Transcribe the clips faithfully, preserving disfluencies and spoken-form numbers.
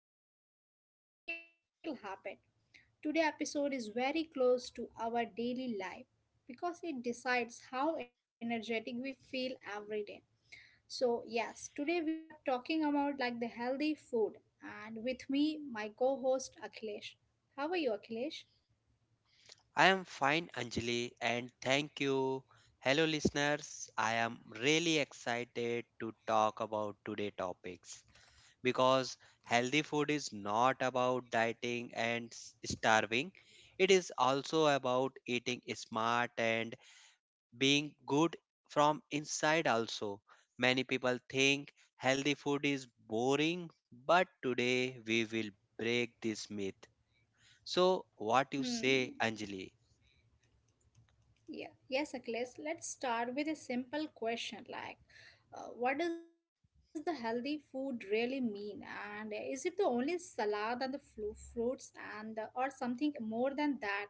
life, real choices, and the real habit. Today episode is very close to our daily life because it decides how energetic we feel every day. So yes, today we are talking about like the healthy food, and with me my co-host Akhilesh. How are you, Akhilesh? I am fine, Anjali, and thank you. Hello, listeners. I am really excited to talk about today topics because healthy food is not about dieting and s- starving. It is also about eating smart and being good from inside also. Many people think healthy food is boring, but today we will break this myth. So, what you say, Hmm. Anjali? Yeah, yes, Akhilesh. Let's start with a simple question like, uh, what does the healthy food really mean? And uh, is it the only salad and the flu- fruits and the, or something more than that?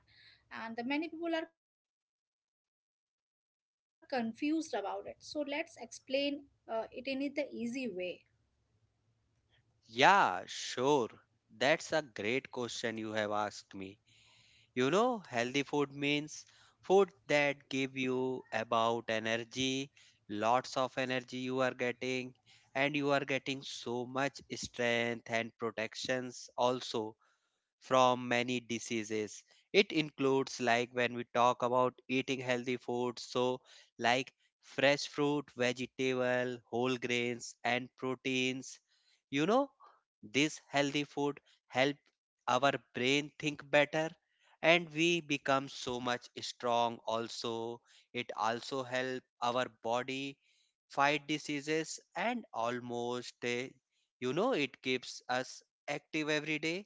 And the many people are confused about it. So let's explain uh, it in the easy way. Yeah, sure. That's a great question you have asked me. You know, healthy food means food that give you about energy, lots of energy you are getting, and you are getting so much strength and protections also from many diseases. It includes like when we talk about eating healthy foods, so like fresh fruit, vegetable, whole grains and proteins. You know, this healthy food help our brain think better and we become so much strong also. It also help our body fight diseases and almost eh, you know, it keeps us active every day.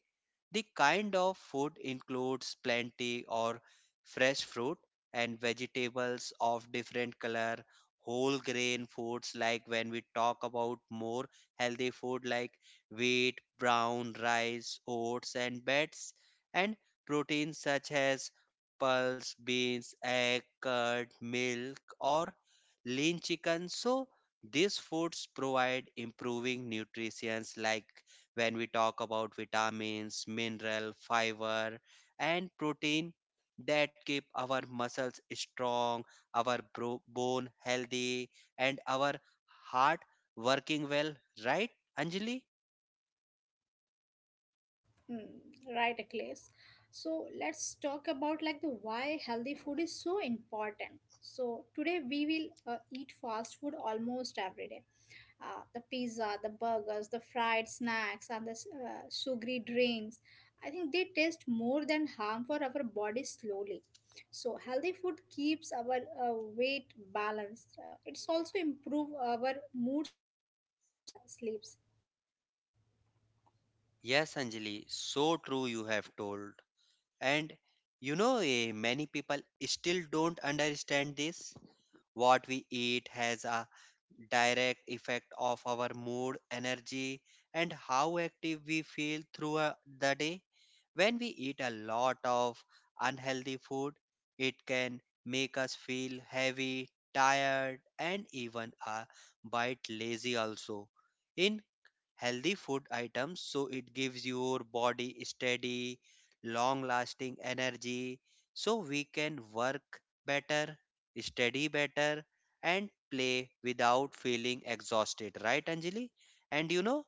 The kind of food includes plenty or fresh fruit and vegetables of different color, whole grain foods like when we talk about more healthy food like wheat, brown rice, oats and beds, and proteins such as pulse, beans, egg, curd, milk or lean chicken. So these foods provide improving nutrition like when we talk about vitamins, mineral, fiber, and protein that keep our muscles strong, our bro- bone healthy, and our heart working well, right, Anjali? Hmm, right, Akhilesh. So let's talk about like the why healthy food is so important. So today we will uh, eat fast food almost every day, uh, the pizza, the burgers, the fried snacks, and the s- uh, sugary drinks. I think they taste more than harm for our body slowly. So healthy food keeps our uh, weight balanced. Uh, it's also improve our moods and the he- sleeps. Yes, Anjali, so true you have told. And you know, eh, many people still don't understand this. What we eat has a direct effect of our mood, energy, and how active we feel throughout the day. When we eat a lot of unhealthy food, it can make us feel heavy, tired, and even a bit lazy also. In healthy food items, so it gives your body steady long lasting energy so we can work better, study better, and play without feeling exhausted, right, Anjali? And you know,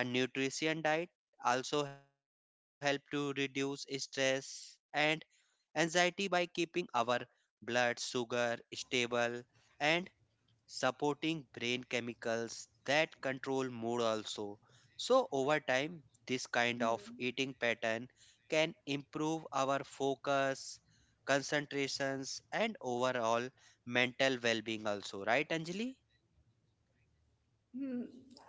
a nutrition diet also help to reduce stress and anxiety by keeping our blood sugar stable and supporting brain chemicals that control mood also. So, over time, this kind of Hmm. eating pattern can improve our focus, concentrations, and overall mental well being, also, right, Anjali? Hmm.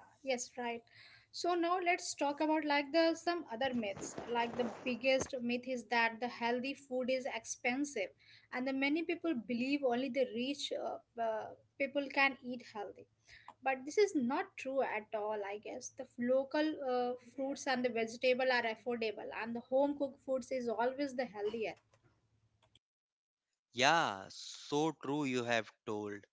Yes, right. So now let's talk about like the some other myths. Like the biggest myth is that the healthy food is expensive, and the many people believe only the rich uh, uh, people can eat healthy. But this is not true at all. I guess the f- local uh, fruits and the vegetable are affordable, and the home cooked foods is always the healthier. Yeah, so true you have told.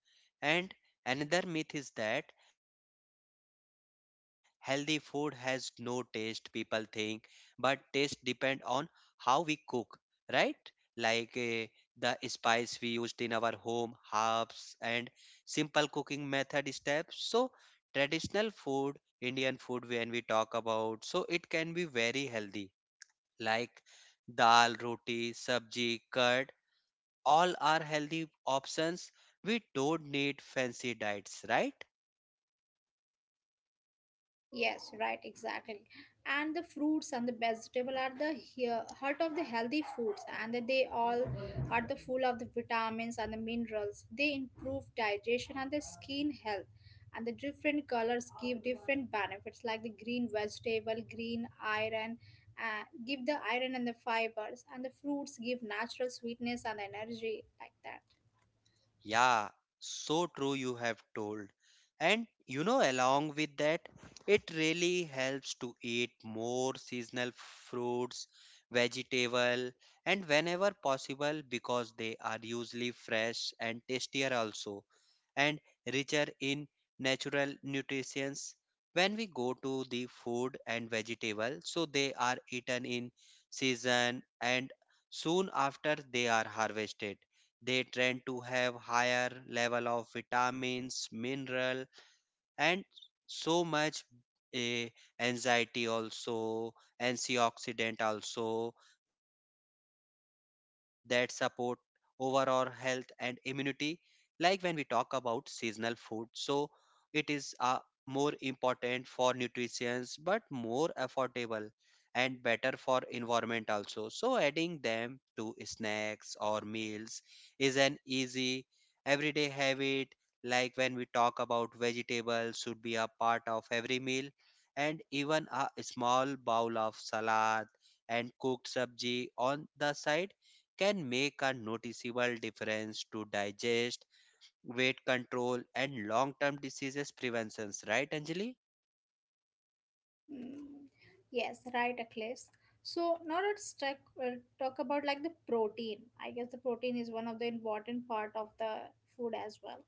And another myth is that healthy food has no taste, people think, but taste depend on how we cook, right? Like eh, the spice we used in our home, herbs and simple cooking method steps. So traditional food, Indian food when we talk about, so it can be very healthy. Like dal, roti, sabji, curd all our healthy options. We don't need fancy diets, right? Yes, right, exactly. And the fruits and the vegetable are the here heart of the healthy foods, and they all are the full of the vitamins and the minerals. They improve digestion and the skin health. And the different colors give different benefits, like the green vegetable, green iron, uh, give the iron and the fibers, and the fruits give natural sweetness and energy, like that. Yeah, so true you have told. And you know, along with that, it really helps to eat more seasonal fruits, vegetable, and whenever possible because they are usually fresh and tastier also, and richer in natural nutrients. When we go to the food and vegetable, so they are eaten in season and soon after they are harvested, they tend to have higher level of vitamins, mineral, and so much a anxiety also, antioxidant also, that support overall health and immunity. Like when we talk about seasonal food, so it is uh, more important for nutrition but more affordable and better for environment also. So adding them to snacks or meals is an easy everyday habit. Like when we talk about vegetables should be a part of every meal, and even a small bowl of salad and cooked sabji on the side can make a noticeable difference to digest, weight control and long-term diseases preventions, right, Anjali? Mm, yes, right, Akhilesh. So now let's talk, uh, talk about like the protein. I guess the protein is one of the important part of the food as well.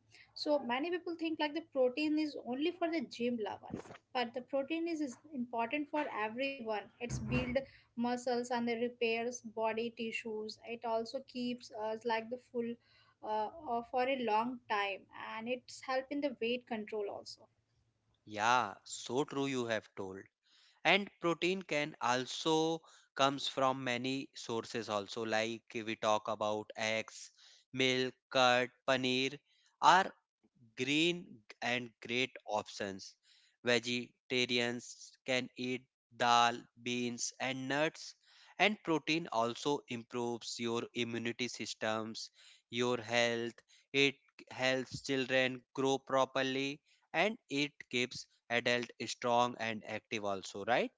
So many people think like the protein is only for the gym lovers, but the protein is, is important for everyone. It's build muscles and it repairs body tissues. It also keeps us like the full uh, uh, for a long time and it's help in the weight control also. Yeah, so true you have told. And protein can also comes from many sources also, like we talk about eggs, milk, curd, paneer are green and great options. Vegetarians can eat dal, beans, and nuts, and protein also improves your immunity systems, your health. It helps children grow properly, and it keeps adult strong and active also, right?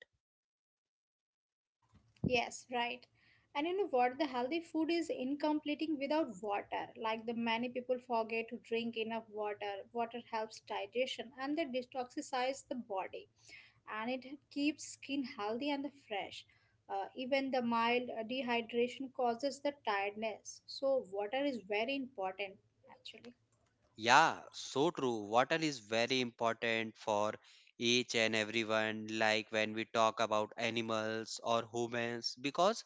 Yes, right. And you know what? The healthy food is incompleting without water. Like the many people forget to drink enough water. Water helps digestion and they detoxifies the body and it keeps skin healthy and fresh. Uh, even the mild uh, dehydration causes the tiredness. So water is very important actually. Yeah, so true. Water is very important for each and everyone, like when we talk about animals or humans, because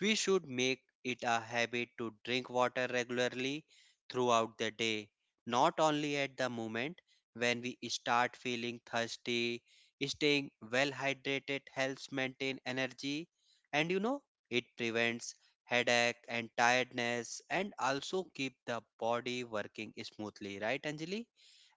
we should make it a habit to drink water regularly throughout the day, not only at the moment when we start feeling thirsty. Staying well hydrated helps maintain energy, and you know, it prevents headache and tiredness and also keep the body working smoothly, right, Anjali?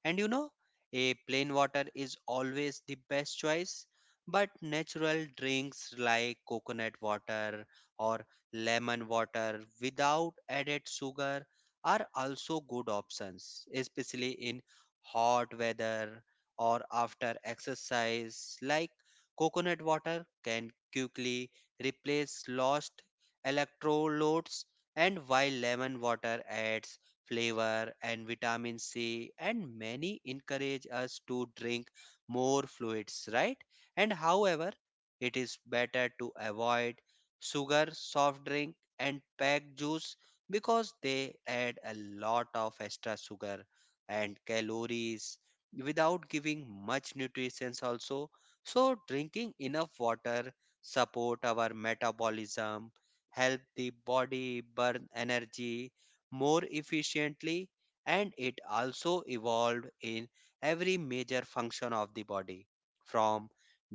And you know, a plain water is always the best choice, but natural drinks like coconut water or lemon water without added sugar are also good options, especially in hot weather or after exercise. Like coconut water can quickly replace lost electrolytes, and while lemon water adds flavor, and vitamin C, and many encourage us to drink more fluids, right? And however, it is better to avoid sugar, soft drink, and packed juice because they add a lot of extra sugar and calories without giving much nutrition also. So drinking enough water support our metabolism, help the body burn energy more efficiently, and it also evolved in every major function of the body, from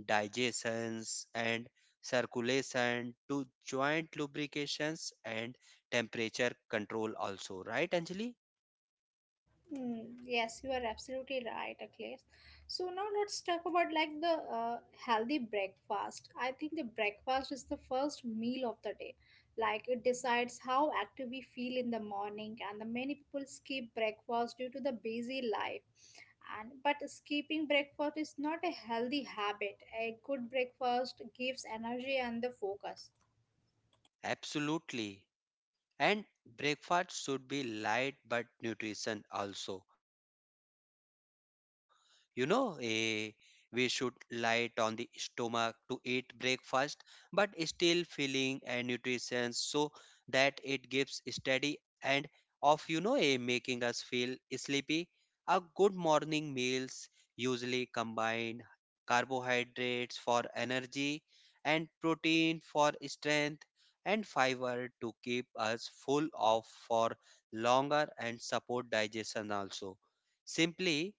digestions and circulation to joint lubrications and temperature control also, right, Anjali? Hmm, yes, you are absolutely right, Akhilesh. So now let's talk about like the uh, healthy breakfast. I think the breakfast is the first meal of the day. Like it decides how active we feel in the morning, and the many people skip breakfast due to the busy life. And but skipping breakfast is not a healthy habit. A good breakfast gives energy and the focus. Absolutely. And breakfast should be light but nutrition also. You know, eh, we should light on the stomach to eat breakfast, but still filling and nutrition so that it gives steady and of you know eh, making us feel sleepy. A good morning meals usually combine carbohydrates for energy and protein for strength and fiber to keep us full of for longer and support digestion also. Simply,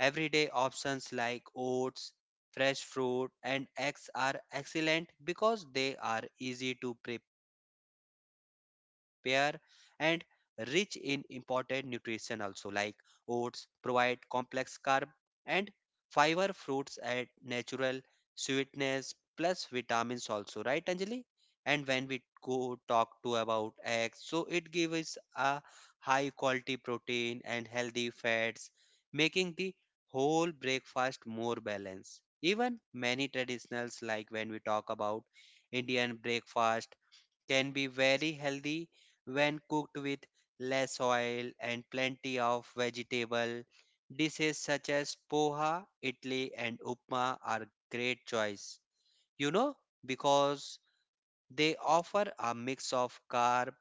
everyday options like oats, fresh fruit, and eggs are excellent because they are easy to prepare and rich in important nutrition also. Like oats provide complex carb and fiber, fruits add natural sweetness plus vitamins also, right, Anjali? And when we go talk to about eggs, so it gives us a high quality protein and healthy fats, making the whole breakfast more balanced. Even many traditionals like when we talk about Indian breakfast can be very healthy when cooked with less oil and plenty of vegetable. Dishes such as poha, idli and upma are great choice. You know, because they offer a mix of carb,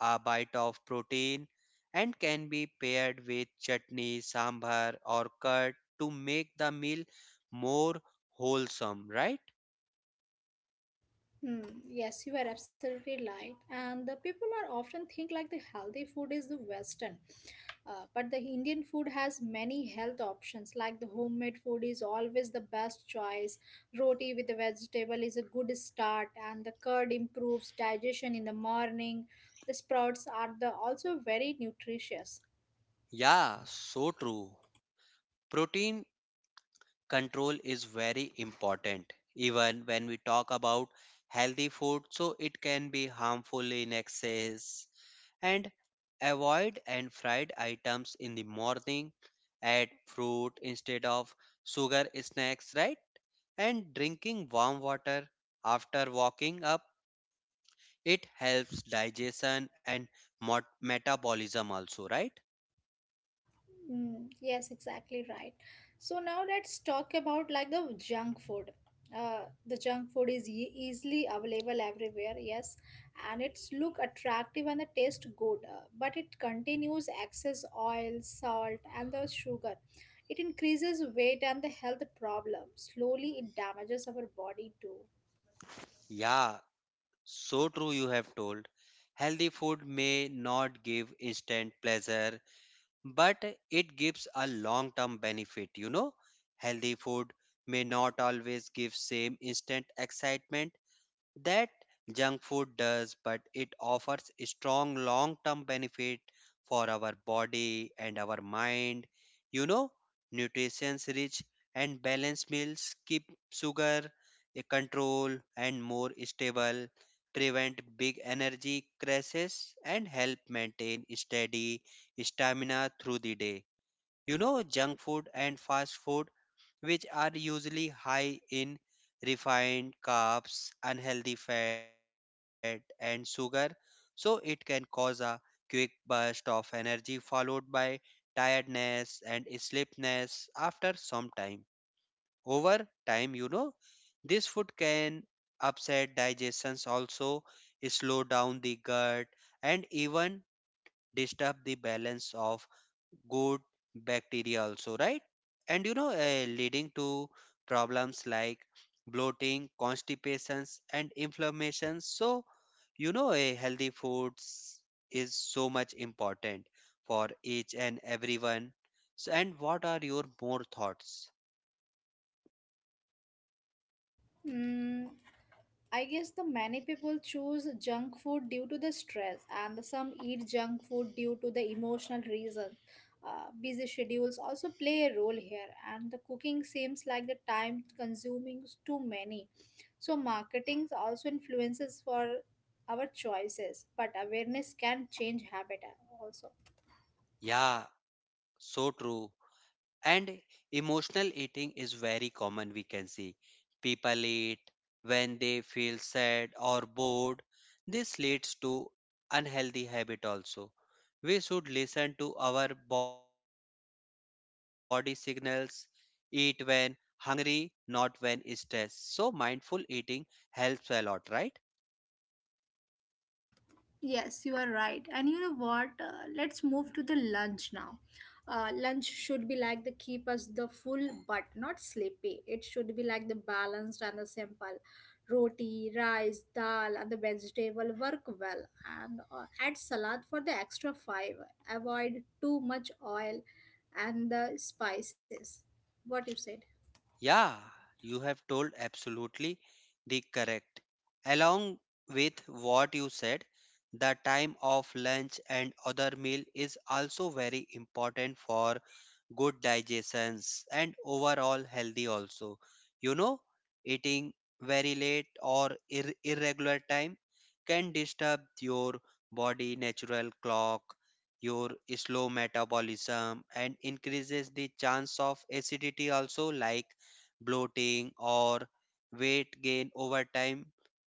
a bite of protein and can be paired with chutney, sambar or curd to make the meal more wholesome, right? Hmm, yes, you are absolutely right. And the people are often think like the healthy food is the Western, uh, but the Indian food has many health options. Like the homemade food is always the best choice. Roti with the vegetable is a good start, and the curd improves digestion in the morning. The sprouts are the also very nutritious. Yeah, so true. Protein control is very important even when we talk about healthy food, so it can be harmful in excess. And avoid and fried items in the morning, add fruit instead of sugar snacks, right? And drinking warm water after walking up, it helps digestion and mot- metabolism also, right? Mm, yes, exactly right. So now let's talk about like the junk food. Uh, the junk food is e- easily available everywhere, yes, and it's look attractive and the taste good, uh, but it continues excess oil, salt, and the sugar. It increases weight and the health problem. Slowly, it damages our body too. Yeah, so true, you have told. Healthy food may not give instant pleasure, but it gives a long term benefit. You know, healthy food may not always give same instant excitement that junk food does, but it offers a strong long term benefit for our body and our mind. You know, nutrition's rich and balanced meals keep sugar a control and more stable, prevent big energy crashes, and help maintain steady stamina through the day. You know, junk food and fast food which are usually high in refined carbs, unhealthy fat, and sugar. So, it can cause a quick burst of energy followed by tiredness and sleepiness after some time. Over time, you know, this food can upset digestions also, slow down the gut and even disturb the balance of good bacteria also, right? And you know, uh, leading to problems like bloating, constipations and inflammation. So you know, a healthy foods is so much important for each and everyone. So, and what are your more thoughts? Mm, I guess the many people choose junk food due to the stress, and some eat junk food due to the emotional reason. Uh, busy schedules also play a role here, and the cooking seems like the time consuming is too many. So, marketing also influences for our choices, but awareness can change habit also. Yeah, so true. And emotional eating is very common, we can see. People eat when they feel sad or bored. This leads to unhealthy habit also. We should listen to our body signals, eat when hungry, not when stressed. So mindful eating helps a lot, right? Yes, you are right. And you know what? Uh, let's move to the lunch now. Uh, lunch should be like the keep us the full but not sleepy. It should be like the balanced and the simple. Roti, rice, dal, and the vegetable work well. And uh, add salad for the extra fiber. Avoid too much oil and the spices. What you say? Yeah, you have told absolutely the correct. Along with what you said, the time of lunch and other meal is also very important for good digestions and overall healthy also. You know, eating very late or ir- irregular time can disturb your body natural clock, your slow metabolism and increases the chance of acidity also like bloating, or weight gain over time.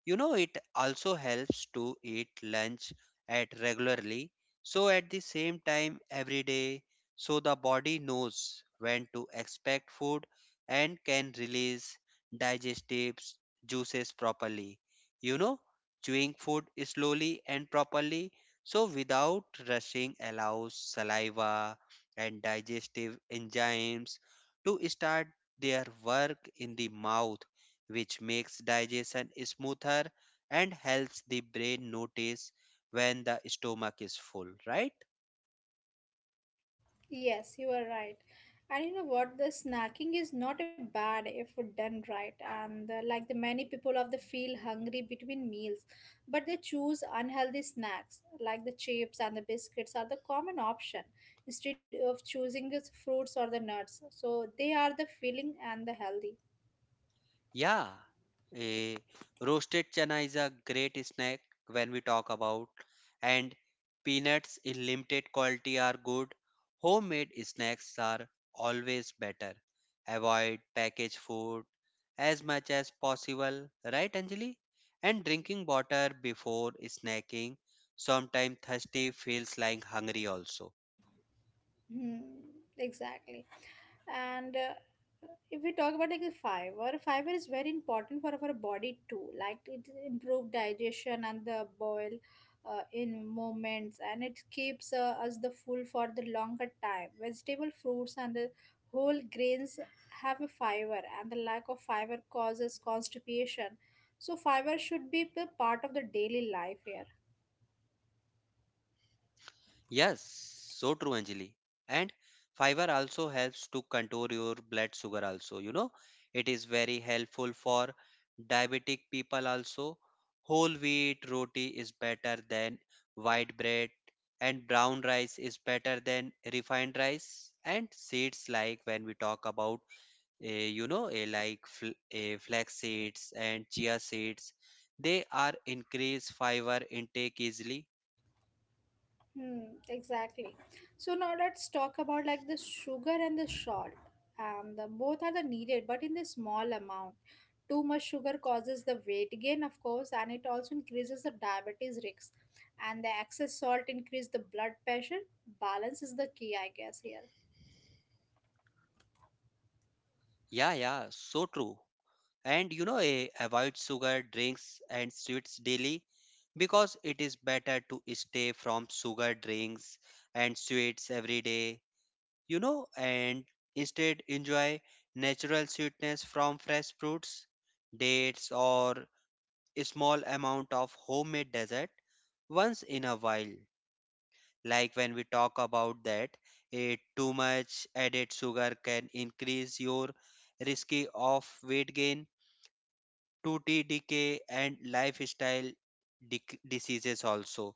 You know, it also helps to eat lunch at regularly, so at the same time every day, so the body knows when to expect food and can release digestives juices properly. You know, chewing food slowly and properly, so without rushing allows saliva and digestive enzymes to start their work in the mouth, which makes digestion smoother and helps the brain notice when the stomach is full, right? Yes, you are right. And you know what? The snacking is not a bad if done right. And uh, like the many people of the feel hungry between meals, but they choose unhealthy snacks like the chips and the biscuits are the common option instead of choosing the fruits or the nuts. So they are the filling and the healthy. Yeah, eh, roasted chana is a great snack when we talk about, and peanuts in limited quality are good. Homemade snacks are always better. Avoid packaged food as much as possible, right, Anjali? And drinking water before snacking. Sometimes thirsty feels like hungry also. Hmm, exactly. And uh, if we talk about like the fiber, fiber is very important for our body too. Like it improves digestion and the bowel uh, in movements, and it keeps uh, us the full for the longer time. Vegetable, fruits, and the whole grains have a fiber, and the lack of fiber causes constipation. So fiber should be the part of the daily life here. Yes, so true, Anjali. And fiber also helps to control your blood sugar also, you know. It is very helpful for diabetic people also. Whole wheat roti is better than white bread, and brown rice is better than refined rice, and seeds, like when we talk about eh, you know eh, like fl- eh, flax seeds and chia seeds, they are increase fiber intake easily. Hmm, exactly. So now let's talk about like the sugar and the salt. Um, the both are the needed, but in the small amount. Too much sugar causes the weight gain, of course, and it also increases the diabetes risk. And the excess salt increase the blood pressure. Balance is the key, I guess here. Yeah, yeah, so true. And you know, eh, avoid sugar, drinks, and sweets daily, because it is better to stay from sugar drinks and sweets every day, you know, and instead enjoy natural sweetness from fresh fruits, dates, or a small amount of homemade dessert once in a while. Like when we talk about that, eh, too much added sugar can increase your risky of weight gain, two t decay, and lifestyle dec- diseases also.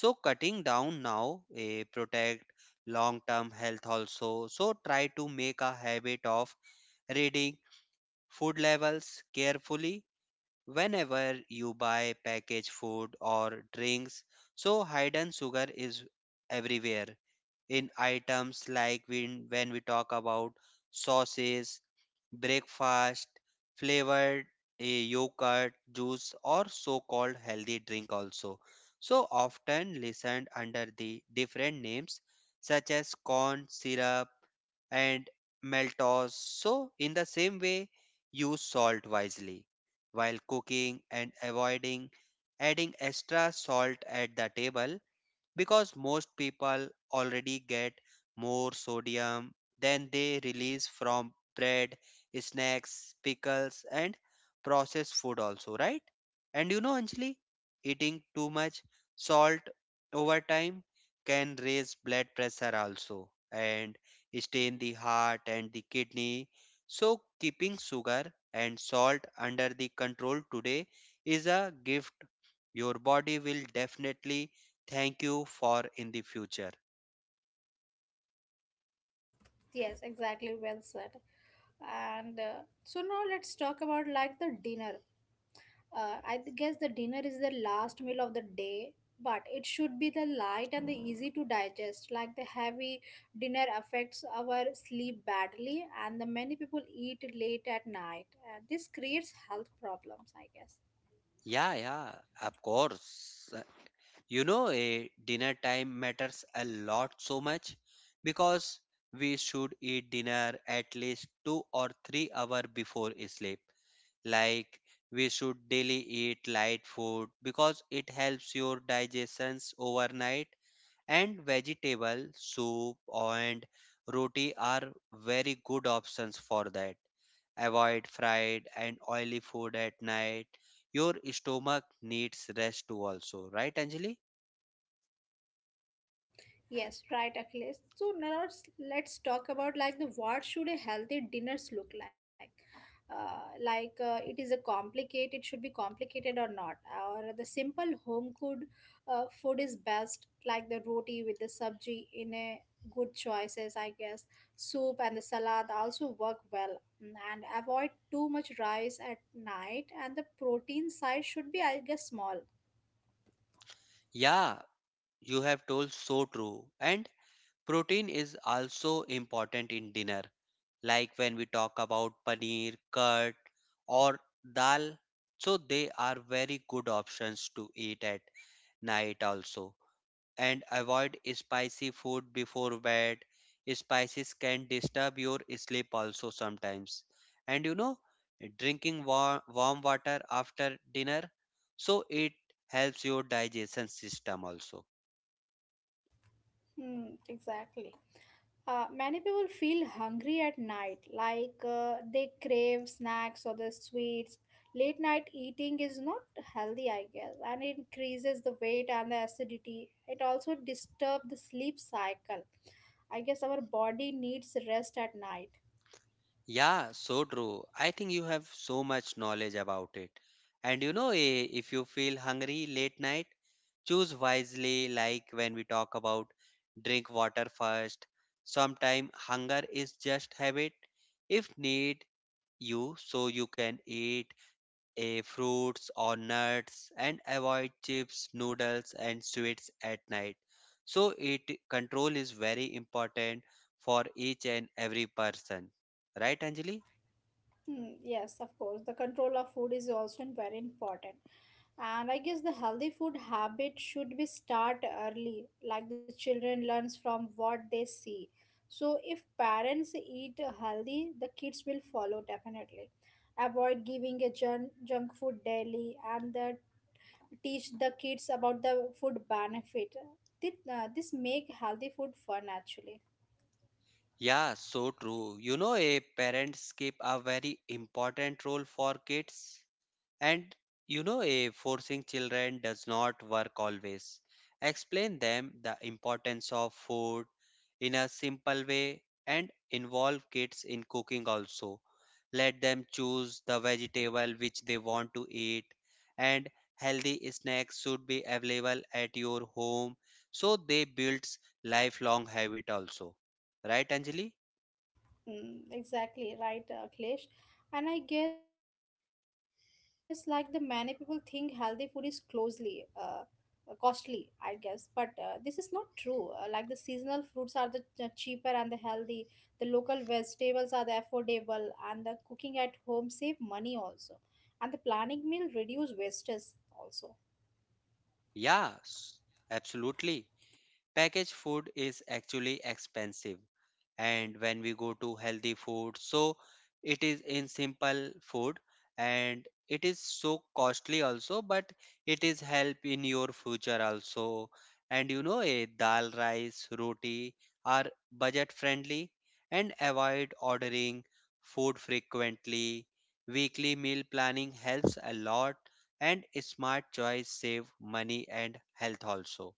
So cutting down now eh, protect long term health also. So try to make a habit of reading food labels carefully whenever you buy packaged food or drinks, so hidden sugar is everywhere in items, like when, when we talk about sauces, breakfast, flavored uh, yogurt, juice, or so called healthy drink also. So often listened under the different names such as corn syrup and maltose. So, in the same way, use salt wisely while cooking and avoiding adding extra salt at the table, because most people already get more sodium than they release from bread, snacks, pickles, and processed food, also, right? And you know, Anjali, eating too much salt over time can raise blood pressure also and stain the heart and the kidney. So, keeping sugar and salt under the control today is a gift your body will definitely thank you for in the future. Yes, exactly. Well said. And uh, so now let's talk about like the dinner. Uh, I th- guess the dinner is the last meal of the day, but it should be the light and the easy to digest. Like the heavy dinner affects our sleep badly, and the many people eat late at night. And this creates health problems, I guess. Yeah, yeah, of course. Uh, you know, a dinner time matters a lot, so much, because we should eat dinner at least two or three hour before sleep. Like, we should daily eat light food because it helps your digestions overnight, and vegetable soup and roti are very good options for that. Avoid fried and oily food at night. Your stomach needs rest too also, right, Anjali? Yes, right, Akhilesh. So now let's, let's talk about like the what should a healthy dinners look like. Uh, like uh, it is a complicated, should be complicated or not, or the simple home cooked uh, food is best, like the roti with the sabji in a good choices, I guess. Soup and the salad also work well. Mm, and avoid too much rice at night. And the protein side should be, I guess, small. Yeah, you have told so true. And protein is also important in dinner, like when we talk about paneer, curd, or dal. So they are very good options to eat at night also. And avoid spicy food before bed. Spices can disturb your sleep also sometimes. And you know, drinking warm, warm water after dinner, so it helps your digestion system also. Hmm, exactly. Uh, many people feel hungry at night, like uh, they crave snacks or the sweets. Late night eating is not healthy, I guess, and it increases the weight and the acidity. It also disturbs the sleep cycle. I guess our body needs rest at night. Yeah, so true. I think you have so much knowledge about it. And you know, eh, if you feel hungry late night, choose wisely, like when we talk about drink water first. Sometimes hunger is just habit. If need you, so you can eat eh, fruits or nuts and avoid chips, noodles, and sweets at night. So, it control is very important for each and every person. Right, Anjali? Hmm, yes, of course. The control of food is also very important. And I guess the healthy food habit should be start early. Like the children learns from what they see, so if parents eat healthy the kids will follow definitely. Avoid giving a junk, junk food daily and the, teach the kids about the food benefit. This uh, this make healthy food fun actually. Yeah, so true. You know, a parents keep a very important role for kids, and you know, a forcing children does not work always. Explain them the importance of food in a simple way and involve kids in cooking also. Let them choose the vegetable which they want to eat, and healthy snacks should be available at your home so they builds lifelong habit also. Right, Anjali? Mm, exactly right, uh, Akhilesh. And I guess like the many people think healthy food is closely uh, uh, costly, I guess. But uh, this is not true. Uh, like the seasonal fruits are the ch- cheaper and the healthy. The local vegetables are the affordable, and the cooking at home save money also, and the planning meal reduce wastage also. Yes, absolutely, packaged food is actually expensive, and when we go to healthy food, so it is in simple food and it is so costly also, but it is help in your future also. And you know, a dal rice roti are budget friendly, and avoid ordering food frequently. Weekly meal planning helps a lot, and smart choice save money and health also.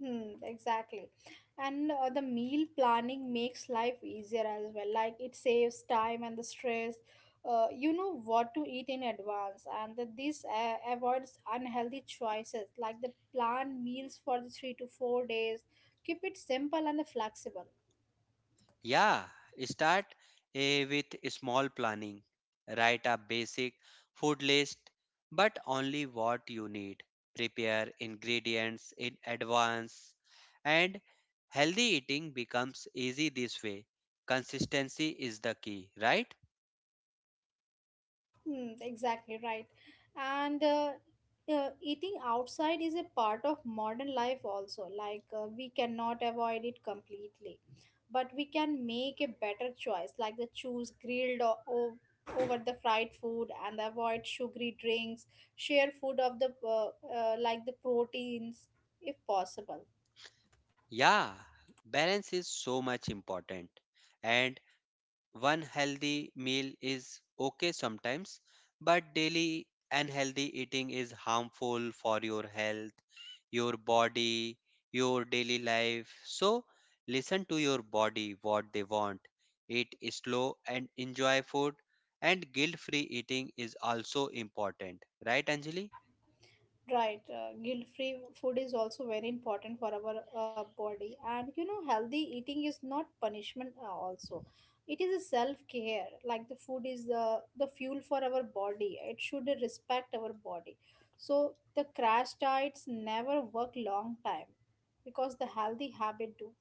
Hmm, exactly. And uh, the meal planning makes life easier as well. Like it saves time and the stress. Uh, you know what to eat in advance, and that this uh, avoids unhealthy choices. Like the plan meals for the three to four days. Keep it simple and flexible. Yeah, start eh, with small planning. Write a basic food list, but only what you need. Prepare ingredients in advance, and healthy eating becomes easy this way. Consistency is the key, right? Hmm, exactly right. And uh, uh, eating outside is a part of modern life also. Like uh, we cannot avoid it completely, but we can make a better choice, like the choose grilled or, o over the fried food and avoid sugary drinks. Share food of the uh, uh, like the proteins if possible. Yeah, balance is so much important. And one healthy meal is okay sometimes, but daily unhealthy eating is harmful for your health, your body, your daily life. So listen to your body what they want. Eat slow and enjoy food, and guilt free eating is also important, right, Anjali? Right, uh, guilt-free food is also very important for our uh, body, and you know, healthy eating is not punishment. Uh, also, it is a self-care. Like the food is the the fuel for our body. It should respect our body. So the crash diets never work long time, because the healthy habit do.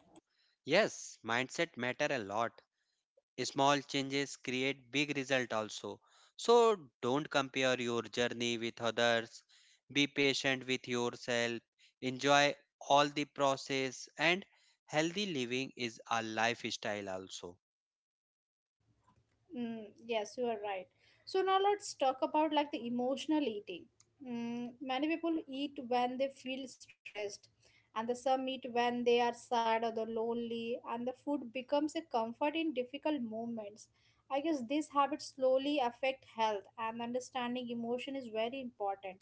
Yes, mindset matter a lot. Small changes create big result also. So don't compare your journey with others. Be patient with yourself. Enjoy all the process, and healthy living is a lifestyle also. Mm, yes, you are right. So now let's talk about like the emotional eating. Mm, many people eat when they feel stressed, and the some eat when they are sad or the lonely, and the food becomes a comfort in difficult moments. I guess these habits slowly affect health, and understanding emotion is very important.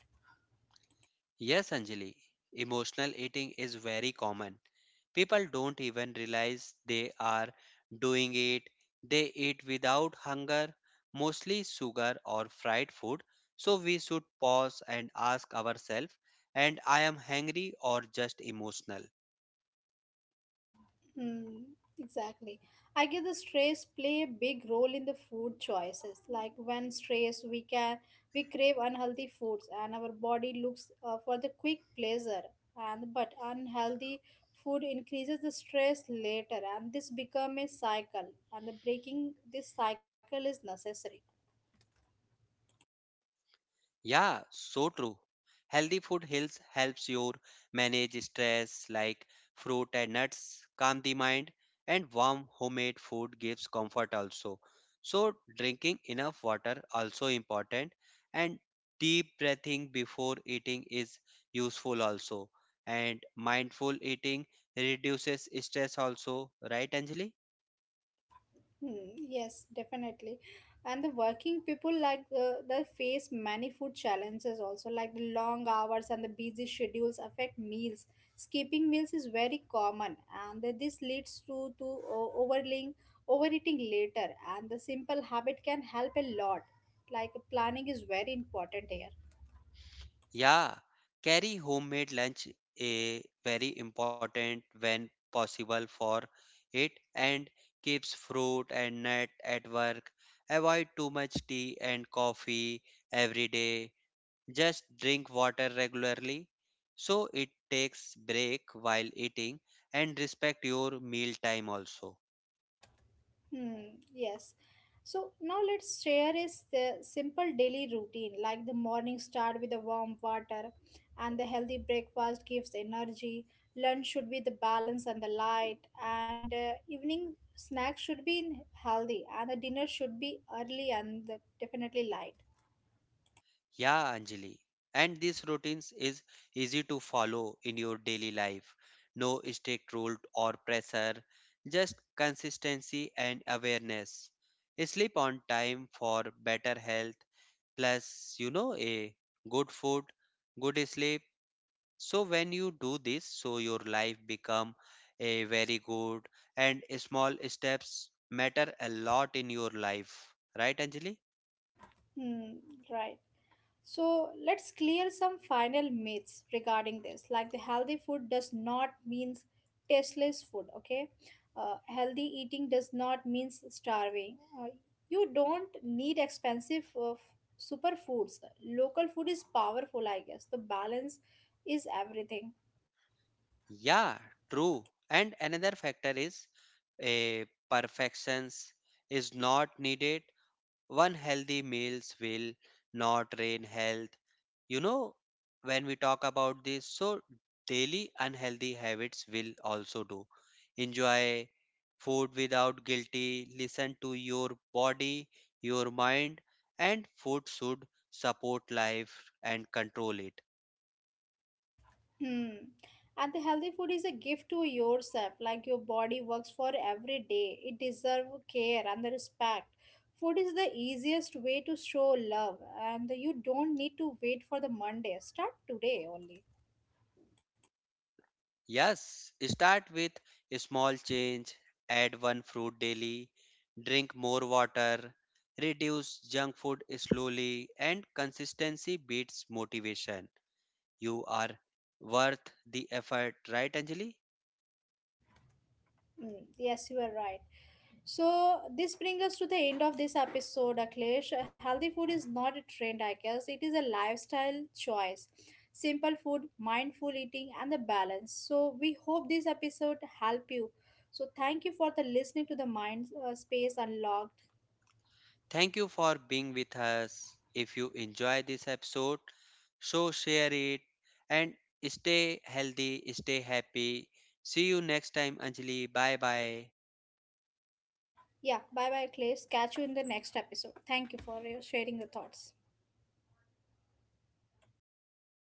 Yes, Anjali, emotional eating is very common. People don't even realize they are doing it. They eat without hunger, mostly sugar or fried food. So we should pause and ask ourselves, and I am hungry or just emotional? Hmm, exactly. I guess the stress play a big role in the food choices. Like when stress, we can we crave unhealthy foods, and our body looks uh, for the quick pleasure. And but unhealthy food increases the stress later, and this become a cycle. And the breaking this cycle is necessary. Yeah, so true. Healthy food heals helps you manage stress, like fruit and nuts calm the mind, and warm homemade food gives comfort also. So drinking enough water also important, and deep breathing before eating is useful also, and mindful eating reduces stress also, right, Anjali? Hmm, yes, definitely. And the working people like uh, they face many food challenges also, like the long hours and the busy schedules affect meals. Skipping meals is very common, and that this leads to to o- overeating, overeating later. And the simple habit can help a lot. Like planning is very important here. Yeah, carry homemade lunch, a very important when possible for it, and keeps fruit and nut at work. Avoid too much tea and coffee every day. Just drink water regularly. So it takes break while eating and respect your meal time also. Hmm, yes. So now let's share is the simple daily routine, like the morning start with the warm water and the healthy breakfast gives energy. Lunch should be the balance and the light, and uh, evening snack should be in- healthy and the dinner should be early and the, definitely light. Yeah, Anjali. And these routines is easy to follow in your daily life. No strict rule or pressure, just consistency and awareness. Sleep on time for better health, plus, you know, a good food, good sleep. So when you do this, so your life become a very good, and small steps matter a lot in your life. Right, Anjali? Hmm, right. So let's clear some final myths regarding this. Like the healthy food does not means tasteless food. Okay, uh, healthy eating does not means starving. Uh, you don't need expensive uh, f- superfoods. Local food is powerful, I guess. The balance is everything. Yeah, true. And another factor is a perfections is not needed. One healthy meals will not drain health. You know, when we talk about this, so daily unhealthy habits will also do. Enjoy food without guilty, listen to your body, your mind, and food should support life and control it. Hmm. And the healthy food is a gift to yourself. Like your body works for every day. It deserves care and the respect. Food is the easiest way to show love, and you don't need to wait for the Monday. Start today only. Yes, start with a small change, add one fruit daily, drink more water, reduce junk food slowly, and consistency beats motivation. You are worth the effort, right, Anjali? Hmm. Yes, you are right. So this brings us to the end of this episode, Akhilesh. Healthy food is not a trend, I guess. It is a lifestyle choice. Simple food, mindful eating, and the balance. So we hope this episode help you. So thank you for the listening to the Mind uh, Space Unlocked. Thank you for being with us. If you enjoy this episode, so share it and stay healthy, stay happy. See you next time, Anjali. Bye bye. Yeah, bye bye, Akhilesh. Catch you in the next episode. Thank you for your- sharing your thoughts.